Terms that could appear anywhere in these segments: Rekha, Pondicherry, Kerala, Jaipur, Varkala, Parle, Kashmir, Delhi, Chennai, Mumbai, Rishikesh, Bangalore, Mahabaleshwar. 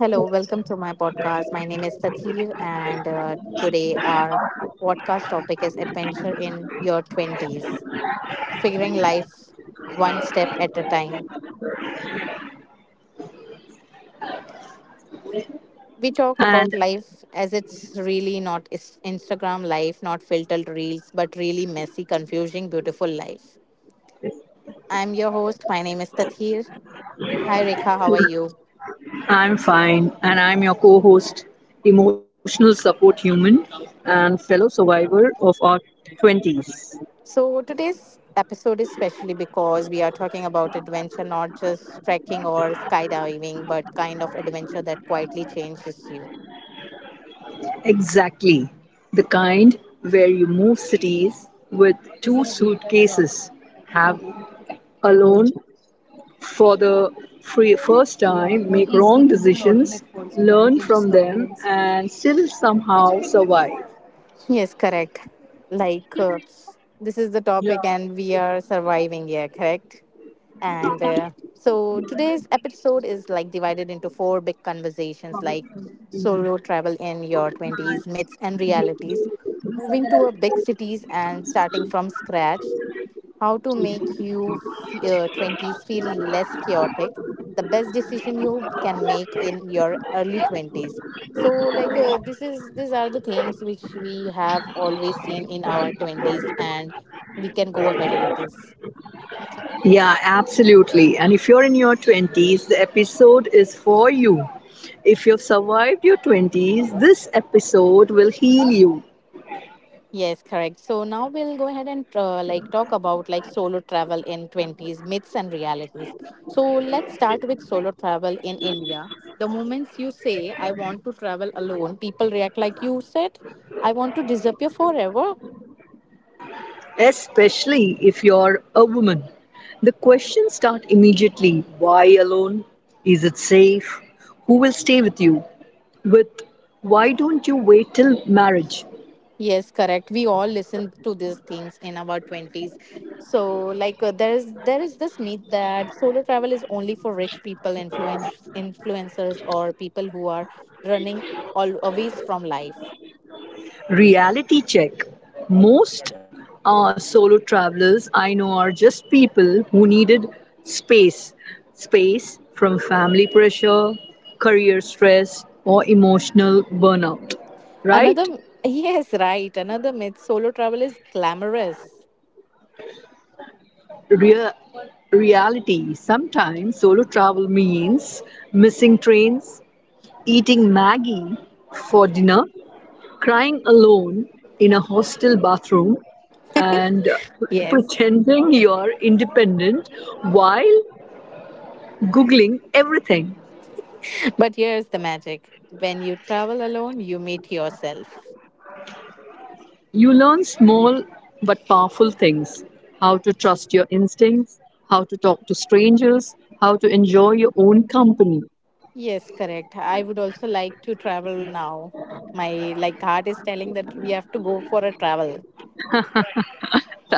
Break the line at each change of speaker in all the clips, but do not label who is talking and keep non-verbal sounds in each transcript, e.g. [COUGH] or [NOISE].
Hello, welcome to my podcast. My name is Sathir, and today our podcast topic is adventure in your 20s, figuring life one step at a time. We talk about
And
life as it's really not is- Instagram life, not filtered reels, but really messy, confusing, beautiful life. I'm your host. My name is Tathir. Hi, Rekha. How are you?
I'm fine. And I'm your co host, emotional support human, and fellow survivor of our 20s.
So today's episode is specially because we are talking about adventure, not just trekking or skydiving, but kind of adventure that quietly changes you.
Exactly. The kind where you move cities with two suitcases, have a loan for the free first time, make wrong decisions, learn from them, and still somehow survive.
Yes, correct. Like this is the topic, and we are surviving here, correct? And so today's episode is like divided into four big conversations, like solo travel in your twenties, myths and realities, moving to a big cities and starting from scratch, how to make you 20s feel less chaotic, the best decision you can make in your early 20s. So this is these are the things which we have always seen in our 20s, and we can go ahead with this.
Yeah, absolutely. And if you're in your 20s, the episode is for you. If you've survived your 20s, this episode will heal you,
Yes, correct. So now we'll go ahead and like talk about like solo travel in 20s myths and realities. So let's start with solo travel in India. The moments you say I want to travel alone, people react like you said I want to disappear forever.
especially if you're a woman. The questions start immediately, why alone? Is it safe? Who will stay with you? With why don't you wait till marriage?
Yes, correct. We all listen to these things in our 20s. So there is this myth that solo travel is only for rich people, influencers or people who are running always from life.
Reality check. Most solo travelers I know are just people who needed space. Space from family pressure, career stress, or emotional burnout. Right?
Another, yes, right. Another myth, solo travel is glamorous.
Real reality. Sometimes solo travel means missing trains, eating Maggie for dinner, crying alone in a hostel bathroom, and
Yes.
pretending you're independent while Googling everything.
But here's the magic, when you travel alone, you meet yourself.
You learn small but powerful things, how to trust your instincts, how to talk to strangers, how to enjoy your own company.
Yes, correct. I would also like to travel now. My like heart is telling that we have to go for a travel.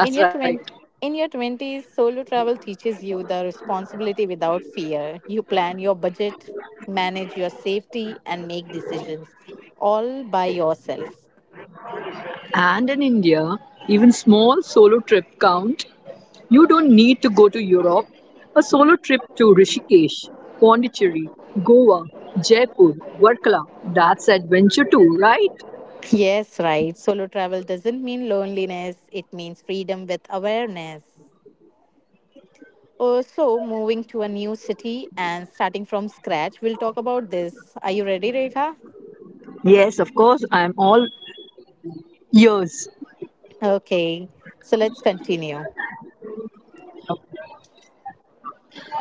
In your
right.
20, in your 20s, solo travel teaches you the responsibility without fear. You plan your budget, manage your safety and make decisions all by yourself.
And in India, even small solo trip count. You don't need to go to Europe. A solo trip to Rishikesh, Pondicherry, Goa, Jaipur, Varkala, that's adventure too, right?
Yes, right. Solo travel doesn't mean loneliness, it means freedom with awareness. So, moving to a new city and starting from scratch, we'll talk about this. Are you ready, Rekha?
Yes, of course, I'm all ears.
Okay, so let's continue.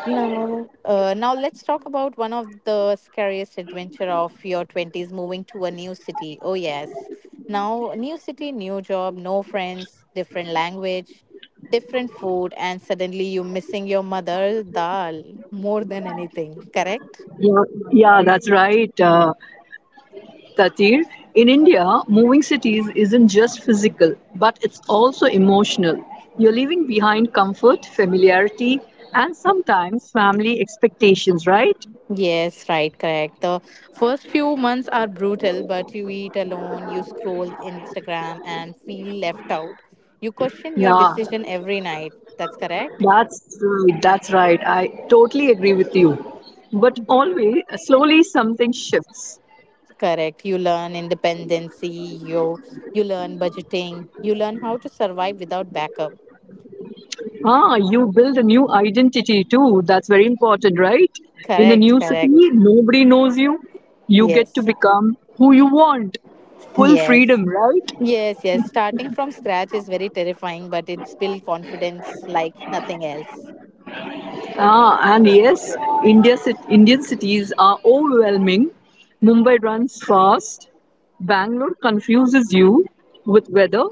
Now, now let's talk about one of the scariest adventure of your 20s, moving to a new city. Oh yes. Now, new city, new job, no friends, different language, different food, and suddenly you missing your mother dal more than anything, correct?
Yeah, yeah, that's right, Tatir. In India, moving cities isn't just physical, but it's also emotional. You're leaving behind comfort, familiarity, and sometimes family expectations, right?
Yes, right, correct. The first few months are brutal, but you eat alone, you scroll Instagram and feel left out. You question your
Yeah,
decision every night. That's correct?
That's right. I totally agree with you. But always, slowly, something shifts.
Correct. You learn independency, you learn budgeting, you learn how to survive without backup.
Ah, you build a new identity too. That's very important, right? In a
Correct,
new city,
correct.
nobody knows you. You get to
Yes.
become who you want. Full
Yes.
freedom, right?
Yes, yes. Starting from scratch is very terrifying, but it's build confidence like nothing else.
Ah, and yes, Indian cities are overwhelming. Mumbai runs fast. Bangalore confuses you with weather.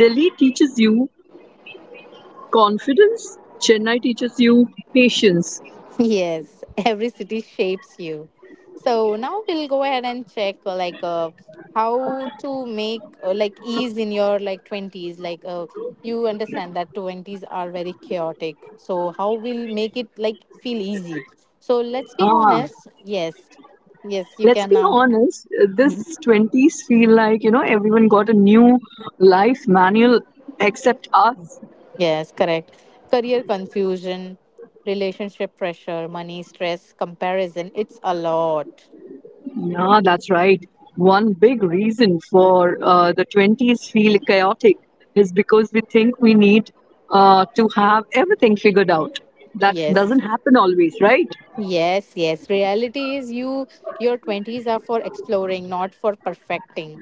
Delhi teaches you confidence, Chennai teaches you patience.
Yes, [LAUGHS] every city shapes you. So now we'll go ahead and check how to make like ease in your like 20s, you understand that 20s are very chaotic. So how we'll make it like feel easy. So let's be
Ah,
honest. Yes. Yes, you
Let's
can
be
now.
honest, this
Mhm.
20s feel like, you know, everyone got a new life manual except us.
Yes, correct. Career confusion, relationship pressure, money stress, comparison, it's a lot.
Yeah, that's right. One big reason for the 20s feel chaotic is because we think we need to have everything figured out. That
Yes.
doesn't happen always, right?
Yes, yes. Reality is your 20s are for exploring, not for perfecting.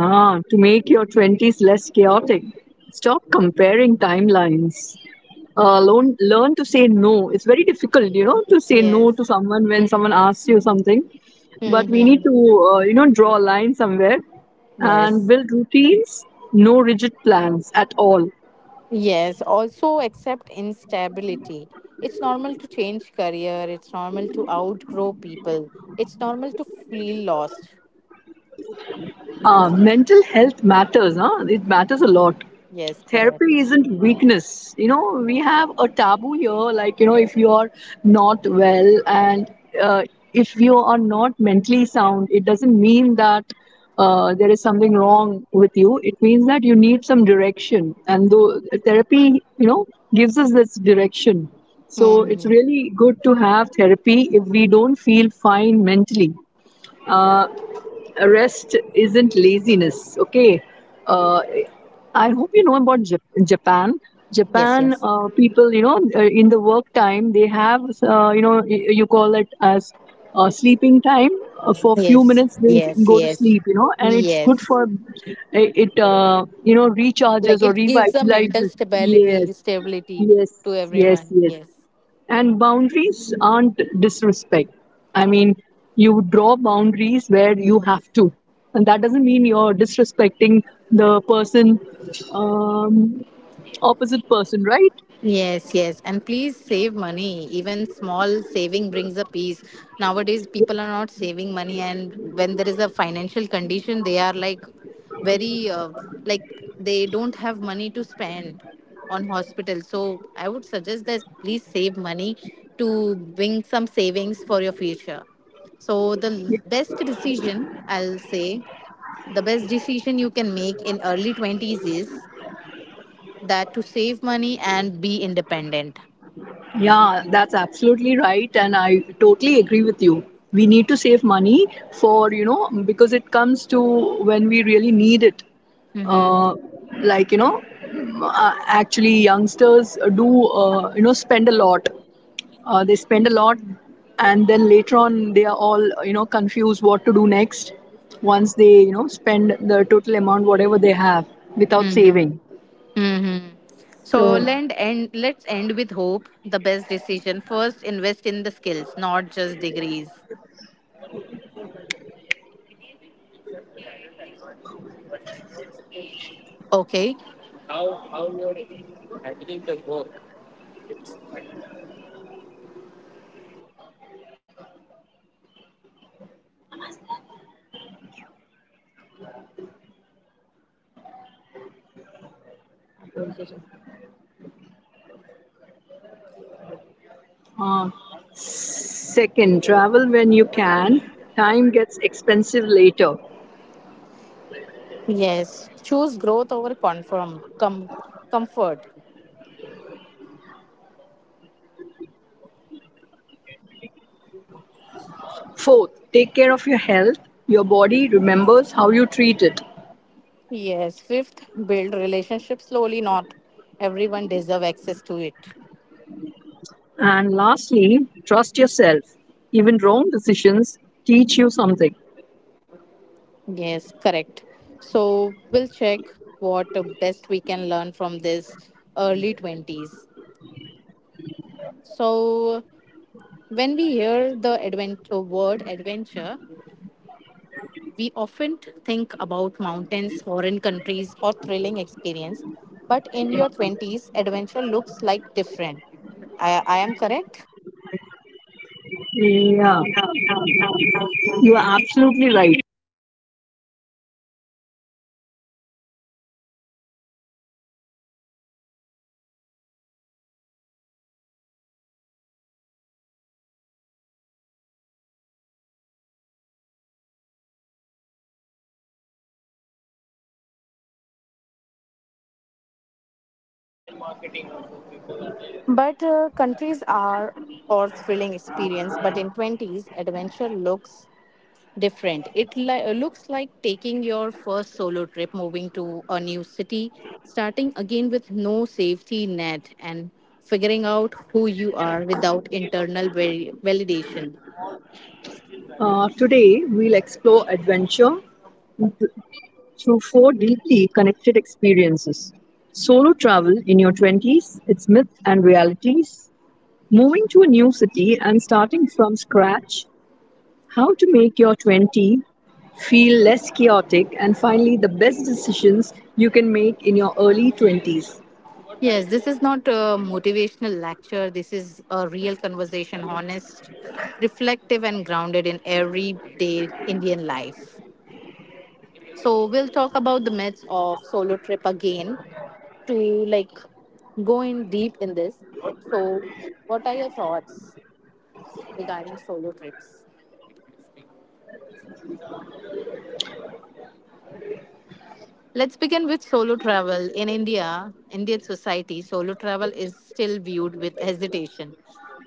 Ah, to make your 20s less chaotic, stop comparing timelines. Learn to say no. It's very difficult, you know, to say no
Yes.
to someone when someone asks you something. But we need
Mm-hmm.
to, you know, draw a line somewhere and
Yes.
build routines, no rigid plans at all.
Yes. Also accept instability. It's normal to change career. It's normal to outgrow people. It's normal to feel lost.
Mental health matters, huh? It matters a lot.
Yes,
Therapy
correct.
isn't weakness, you know, we have a taboo here, like, you know, if you are not well and uh, if you are not mentally sound, it doesn't mean that there is something wrong with you. It means that you need some direction, and though therapy, you know, gives us this direction, so it's
Mm-hmm.
really good to have therapy if we don't feel fine mentally. Uh, Rest isn't laziness, okay? uh, I hope you know about Japan.
Yes,
japan
yes.
uh, people, you know, in the work time, they have you know, you call it as sleeping time. For few
Yes.
minutes, they
Yes,
go to
yes.
sleep, you know, and it's good
Yes.
for it, you know, recharges
Like
or
it gives a mental
revitalizes.
stability,
Yes
stability
Yes,
to
yes,
everyone.
yes.
Yes.
And boundaries aren't disrespect. I mean, you draw boundaries where you have to. And that doesn't mean you're disrespecting the person, um, opposite person, right?
Yes, yes. And please save money. Even small saving brings a peace. Nowadays, people are not saving money. And when there is a financial condition, they are like very, like, they don't have money to spend on hospital. So I would suggest that please save money to bring some savings for your future. So best decision, I'll say, the best decision you can make in early 20s is that to save money and be independent.
Yeah, that's absolutely right, and I totally agree with you. We need to save money for, you know, because it comes to when we really need it.
Mm-hmm.
Uh, like, you know, actually, youngsters do, you know, spend a lot, and then later on they are all, you know, confused what to do next once they, you know, spend the total amount whatever they have without
Mm-hmm.
saving.
Mm-hmm. So
So
lend and let's end with hope, the best decision. First, invest in the skills, not just degrees. Okay.
Uh, second, travel when you can. Time gets expensive later.
Yes. Choose growth over comfort.
Fourth, take care of your health. Your body remembers how you treat it.
Yes. Fifth, build relationships slowly. Not everyone deserve access to it.
And lastly, trust yourself. Even wrong decisions teach you something.
Yes, correct. So we'll check what best we can learn from this early 20s. So, when we hear the adventure word adventure, we often think about mountains, foreign countries, or thrilling experience. But in your 20s, adventure looks like different. I am correct?
Yeah, you are absolutely right.
But countries are or thrilling experience. But in 20s, adventure looks different. It looks like taking your first solo trip, moving to a new city, starting again with no safety net, and figuring out who you are without validation.
Today, we'll explore adventure th- through four deeply connected experiences, solo travel in your 20s, its myths and realities, moving to a new city and starting from scratch, how to make your 20 feel less chaotic, and finally the best decisions you can make in your early 20s.
Yes, this is not a motivational lecture. This is a real conversation, honest, reflective, and grounded in everyday Indian life. So we'll talk about the myths of solo trip again to like go in deep in this. So what are your thoughts regarding solo trips? Let's begin with solo travel. In India, Indian society, solo travel is still viewed with hesitation.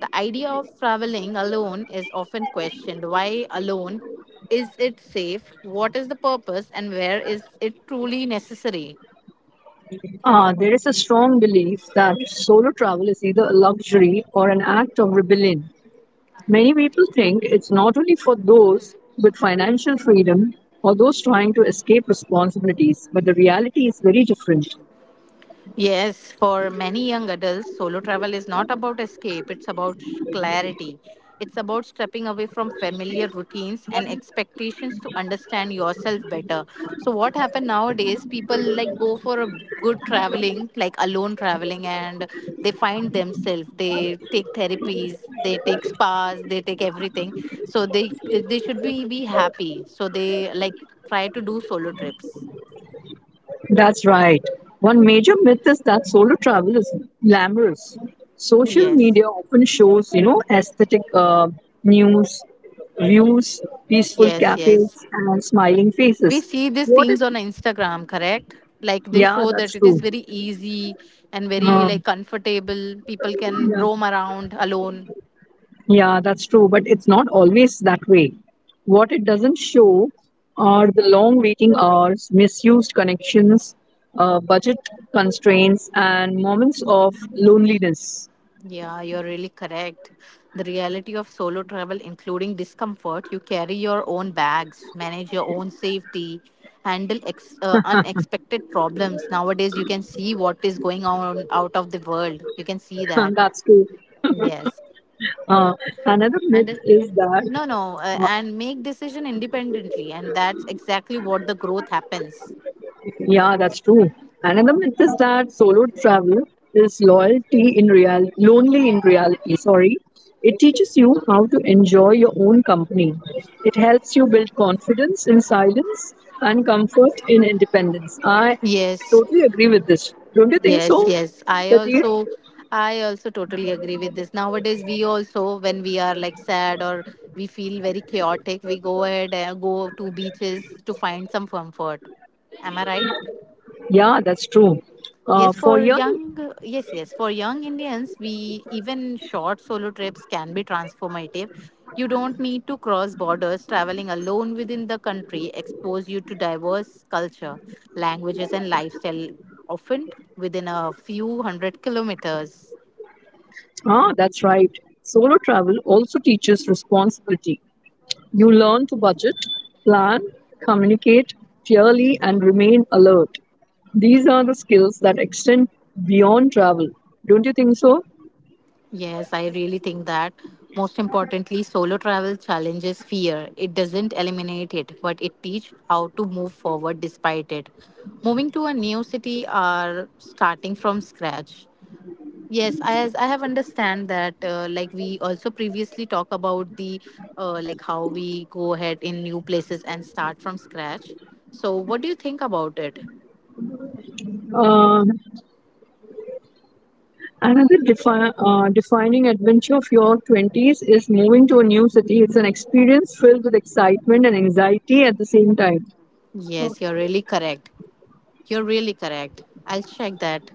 The idea of traveling alone is often questioned. Why alone? Is it safe? What is the purpose? And where is it truly necessary?
Ah, there is a strong belief that solo travel is either a luxury or an act of rebellion. Many people think it's not only for those with financial freedom or those trying to escape responsibilities, but the reality is very different.
Yes, for many young adults, solo travel is not about escape, it's about clarity. It's about stepping away from familiar routines and expectations to understand yourself better. So what happened nowadays, people like go for a good traveling, like alone traveling, and they find themselves. They take therapies, they take spas, they take everything. So they should be happy. So they like try to do solo trips.
That's right. One major myth is that solo travel is glamorous. Social
Yes.
media often shows, you know, aesthetic news, views, peaceful
Yes,
cafes,
yes.
and smiling
We
faces.
see these
What
things on
if?
Instagram, correct? Like they
Yeah,
show
that's
that it is
true.
very easy and very
Uh,
like comfortable. People can
yeah,
roam around alone.
yeah, that's true. But it's not always that way. What it doesn't show are the long waiting hours, misused connections, budget constraints, and moments of loneliness.
Yeah, you're really correct. The reality of solo travel, including discomfort, you carry your own bags, manage your own safety, handle unexpected problems. Nowadays, you can see what is going on out of the world. You can see that.
[LAUGHS] That's true.
Yes.
Uh, another myth
And
is that,
no no
uh,
and make decision independently, and that's exactly what the growth happens.
yeah, that's true. Another myth is that solo travel is loyalty in real, lonely in reality. Sorry, it teaches you how to enjoy your own company. It helps you build confidence in silence and comfort in independence. I
Yes,
totally agree with this. Don't you think
yes,
so,
yes.
Katir?
I also totally agree with this. Nowadays, we also, when we are like sad or we feel very chaotic, we go ahead and go to beaches to find some comfort. Am I right?
Yeah, that's true. Uh,
Yes,
for
for
young,
young, yes, yes, for young Indians, we even short solo trips can be transformative. You don't need to cross borders. Traveling alone within the country expose you to diverse culture, languages, and lifestyle, often within a few hundred kilometers.
ah, that's right. Solo travel also teaches responsibility. You learn to budget, plan, communicate clearly, and remain alert. These are the skills that extend beyond travel. Don't you think so?
Yes, I really think that. Most importantly, solo travel challenges fear. It doesn't eliminate it, but it teaches how to move forward despite it. Moving to a new city or starting from scratch. Yes, as I have understand that, like we also previously talk about the, like how we go ahead in new places and start from scratch. So, what do you think about it?
Uh, another defining adventure of your 20s is moving to a new city. It's an experience filled with excitement and anxiety at the same time.
Yes, you're really correct. You're really correct. I'll check that.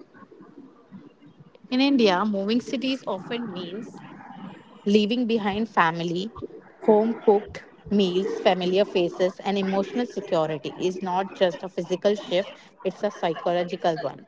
In India, moving cities often means leaving behind family, home cooked meals, familiar faces, and emotional security is not just a physical shift, it's a psychological one.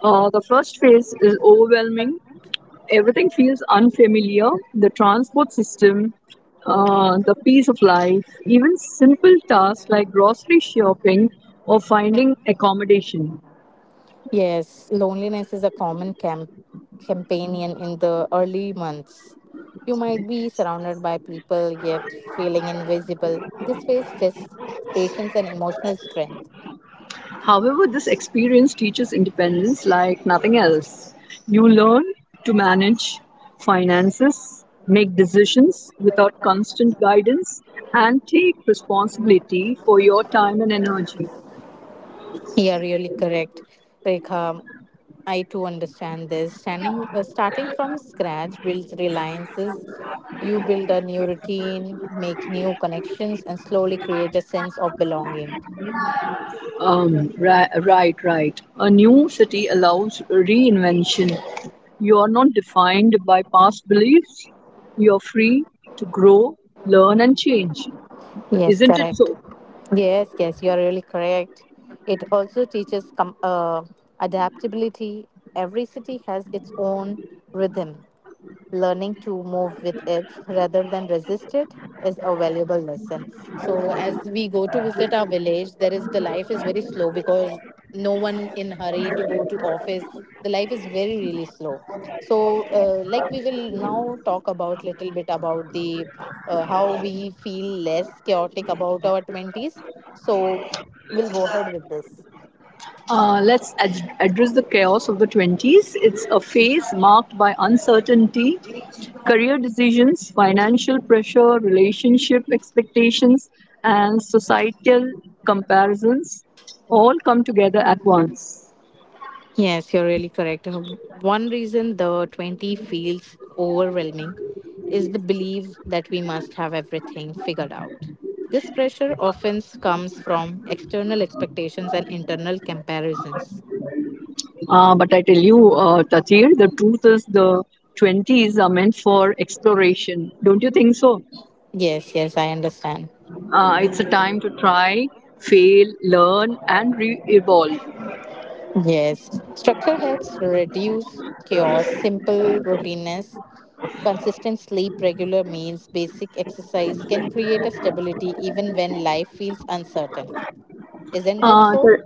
The first phase is overwhelming. Everything feels unfamiliar. The transport system, the peace of life, even simple tasks like grocery shopping or finding accommodation.
Yes, loneliness is a common companion in the early months. You might be surrounded by people yet feeling invisible. This phase tests patience and emotional strength.
However, this experience teaches independence like nothing else. You learn to manage finances, make decisions without constant guidance, and take responsibility for your time and energy.
You are really correct, Rekha. I too understand this. Starting from scratch builds reliances. You build a new routine, make new connections, and slowly create a sense of belonging.
Right, right. A new city allows reinvention. You are not defined by past beliefs. You are free to grow, learn, and change.
Yes,
Isn't it
correct.
so?
Yes, yes, you are really correct. It also teaches adaptability. Every city has its own rhythm. Learning to move with it rather than resist it is a valuable lesson. So as we go to visit our village, there is the life is very slow because no one in hurry to go to office. The life is very really slow. So like we will now talk about little bit about the how we feel less chaotic about our twenties. So we'll go ahead with this.
Let's address the chaos of the 20s. It's a phase marked by uncertainty, career decisions, financial pressure, relationship expectations, and societal comparisons all come together at once.
Yes, you're really correct. One reason the 20 feels overwhelming is the belief that we must have everything figured out. This pressure often comes from external expectations and internal comparisons.
But I tell you, Tatir, the truth is the 20s are meant for exploration. Don't you think so?
Yes, yes, I understand.
It's a time to try, fail, learn, and re evolve.
Yes, structure helps reduce chaos, simple routineness, consistent sleep, regular meals, basic exercise can create a stability even when life feels uncertain. Isn't that
Uh,
so?
the,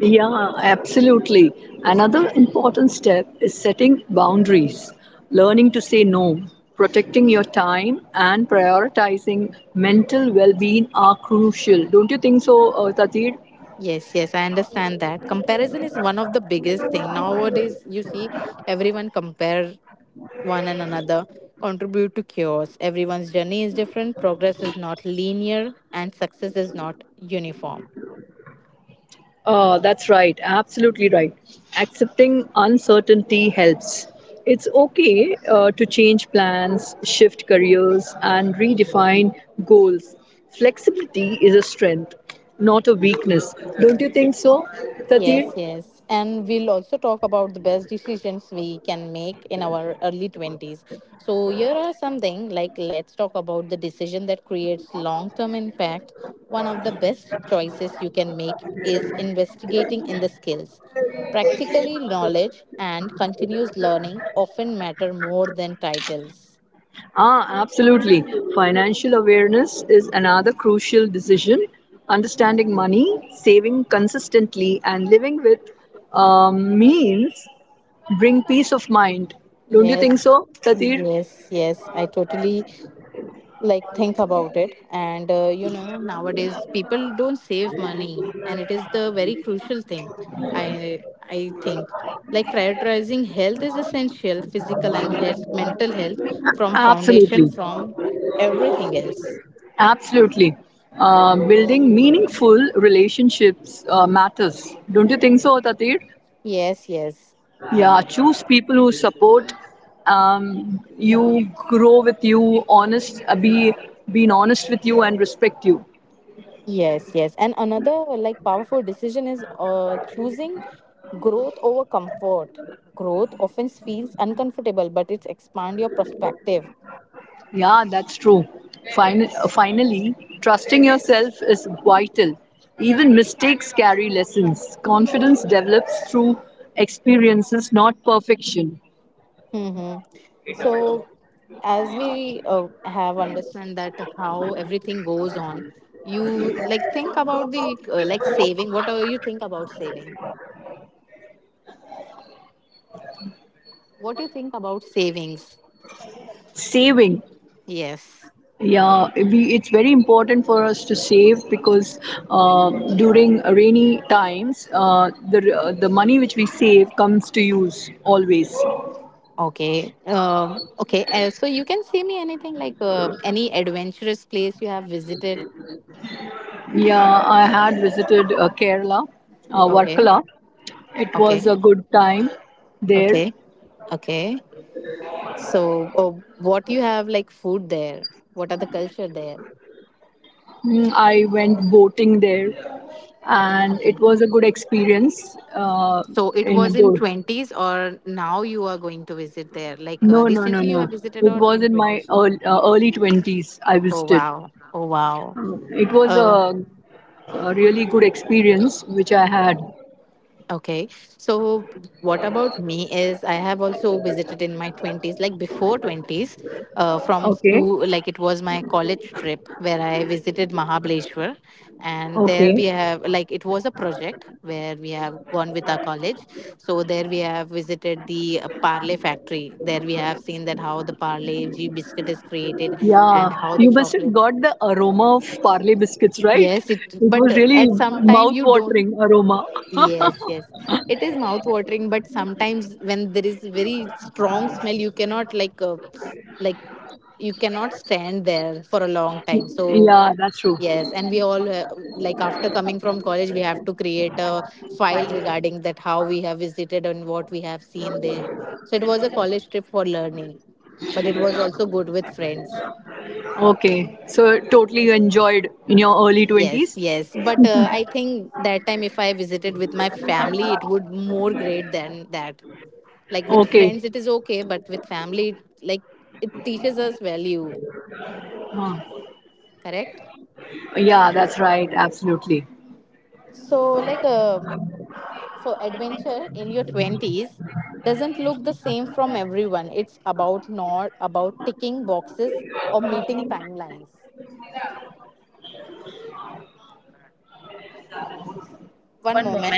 yeah, absolutely. Another important step is setting boundaries, learning to say no, protecting your time, and prioritizing mental well being are crucial. Don't you think so, Tatir?
Yes, yes, I understand that. Comparison is one of the biggest thing. Nowadays, you see everyone compare one and another, contribute to chaos. Everyone's journey is different, progress is not linear, and success is not uniform.
Oh, that's right. Absolutely right. Accepting uncertainty helps. It's okay to change plans, shift careers, and redefine goals. Flexibility is a strength, not a weakness. Don't you think so, Tatir?
Yes, yes. And we'll also talk about the best decisions we can make in our early 20s. So, here are something like let's talk about the decision that creates long term impact. One of the best choices you can make is investigating in the skills. Practically, knowledge and continuous learning often matter more than titles.
Ah, absolutely. Financial awareness is another crucial decision. Understanding money, saving consistently, and living with means bring peace of mind. Don't you think
Yes,
so, Tatir?
yes. I totally think about it, and you know, nowadays people don't save money, and it is the very crucial thing. I i think, like, prioritizing health is essential. Physical and health, mental health from foundation,
Absolutely,
from everything else.
Absolutely. Building meaningful relationships matters. Don't you think so, Tatir?
yes yes
Yeah, choose people who support you, grow with you, honest, be being honest with you and respect you.
yes yes And another, like, powerful decision is choosing growth over comfort. Growth often feels uncomfortable, but it's expand your perspective.
Yeah, that's true. Finally, trusting yourself is vital. Even mistakes carry lessons. Confidence develops through experiences, not perfection.
Mm-hmm. So as we have understand that how everything goes on, you like think about the like saving. What are you think about saving? What do you think about savings?
Saving.
Yes.
Yeah, we, it's very important for us to save because during rainy times, the money which we save comes to use always.
Okay. Okay. So you can say me anything, like any adventurous place you have visited?
Yeah, I had visited Kerala,
Okay.
Varkala. It was
Okay.
a good time there.
Okay. Okay. So what you have like food there? What are the culture there?
Mm, I went boating there, and
Okay.
it was a good experience.
So it
In a
was in
boat.
20s, or now you are going to visit there? Like
No, no, no,
recently you
no.
have visited,
It
or
was
in
in my
20s?
early 20s I
Oh
visited.
wow. Oh wow.
It was
Uh,
a really good experience which I had.
okay. So what about me is I have also visited in my 20s, like before 20s, from
Okay,
school, like it was my college trip where I visited Mahabaleshwar. And there
okay.
we have, like, it was a project where we have gone with our college. So there we have visited the Parle factory. There we have seen that how the Parle G biscuit is created
Yeah,
and how the
you must have
chocolates.
got the aroma of Parle biscuits, right?
Yes, it.
It was
But
really
at some time you don't.
mouth-watering aroma.
Yes, yes. It is mouth watering, but sometimes when there is very strong smell, you cannot like, like, you cannot stand there for a long time. So
Yeah, that's true.
yes, and we all like after coming from college, we have to create a file regarding that how we have visited and what we have seen there. So it was a college trip for learning, but it was also good with friends.
Okay, so totally you enjoyed in your early
Yes,
20s.
yes. But I think that time if I visited with my family, it would more great than that. Like with
Okay.
friends, it is okay, but with family, it, like it teaches us value.
Huh.
Correct.
Yeah, that's right. Absolutely.
So like so adventure in your twenties doesn't look the same from everyone. It's about not about ticking boxes or meeting timelines. One moment.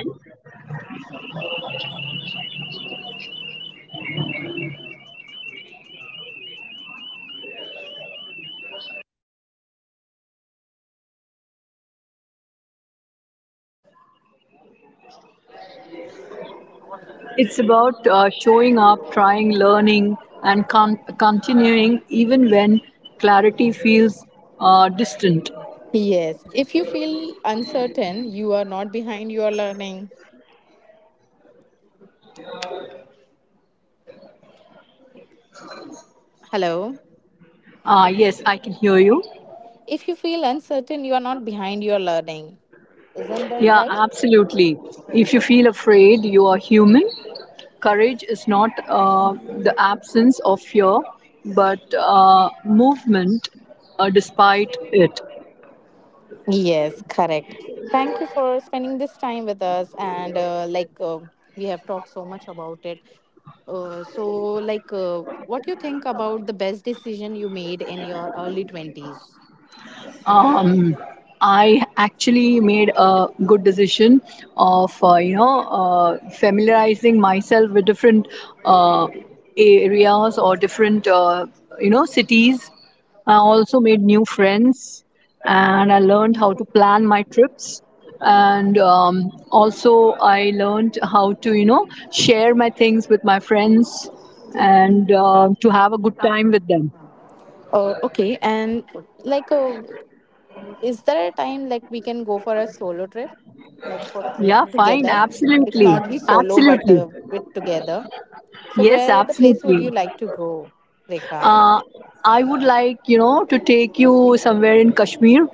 It's about showing up, trying, learning, and continuing even when clarity feels distant.
Yes. If you feel uncertain, you are not behind. You are learning. Hello.
Ah, yes, I can hear you.
If you feel uncertain, you are not behind your learning. Isn't that
Yeah,
right?
absolutely. If you feel afraid, you are human. Courage is not the absence of fear, but movement despite it.
Yes, correct. Thank you for spending this time with us. And like, we have talked so much about it. So, what you think about the best decision you made in your early 20s?
Um, I actually made a good decision of, you know, familiarizing myself with different uh, areas or different, you know, cities. I also made new friends, and I learned how to plan my trips, and also I learned how to, you know, share my things with my friends, and to
Uh,
have a good time with them.
okay, and like, is there a time like we can go for a solo trip, like for trip
Yeah, fine,
together? It's
absolutely.
not be solo, but
Absolutely.
with together. So,
Yes,
where the place would
absolutely.
you like to go, Rekha?
Uh, I would like, you know, to take you somewhere in Kashmir.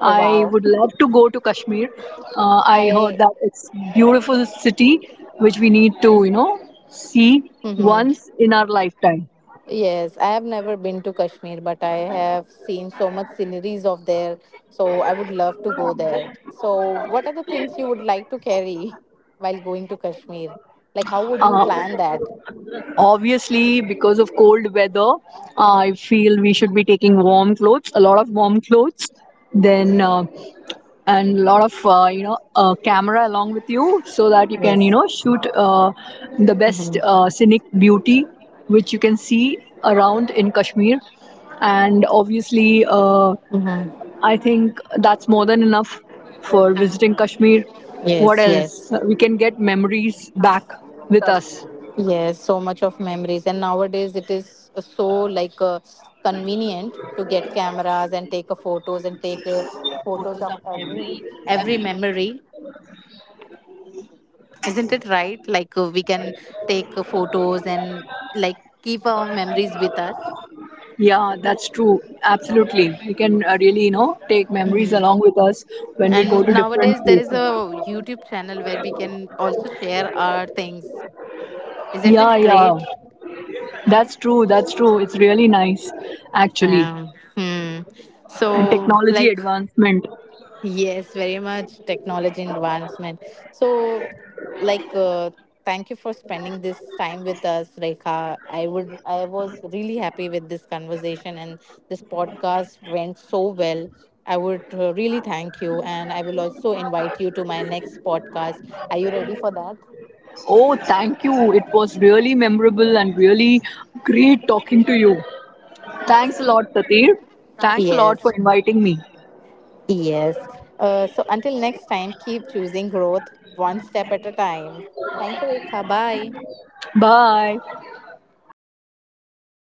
Oh
I
wow!
would love to go to Kashmir. I heard
I.
that it's beautiful city which we need to, you know, see
Mhm.
once in our lifetime.
Yes, I have never been to Kashmir, but I have seen so much sceneries of there. So I would love to go there. So, what are the things you would like to carry [LAUGHS] while going to Kashmir? Like, how would you plan that?
Obviously, because of cold weather, I feel we should be taking warm clothes, a lot of warm clothes. Then and a lot of, you know, camera along with you so that you can, you
Yes.
know, shoot the best
Hmm.
scenic beauty which you can see around in Kashmir. And obviously,
Hmm.
I think that's more than enough for visiting Kashmir. What
Yes.
else?
Yes.
We can get memories back with us.
Yes, so much of memories. And nowadays it is so like convenient to get cameras and take a photos and take photos of every memory. Isn't it right? Like we can take photos and like keep our memories with us.
Yeah, that's true. Absolutely, we can, really, you know, take memories
Hmm.
along with us when we go
And
to different
nowadays there is
places.
a YouTube channel where we can also share our things. Isn't
yeah
it
yeah
great?
That's true. That's true. It's really nice, actually.
Hmm.
And
So,
technology
like,
advancement.
yes, very much technology advancement. So, like, thank you for spending this time with us, Rekha. I was really happy with this conversation, and this podcast went so well. I would really thank you, and I will also invite you to my next podcast. Are you ready for that?
Oh, thank you. It was really memorable and really great talking to you. Thanks a lot, Tatir. Thanks a lot for
Yes,
inviting me.
yes. So until next time, keep choosing growth one step at a time. Thank you, Rekha. Bye.
Bye.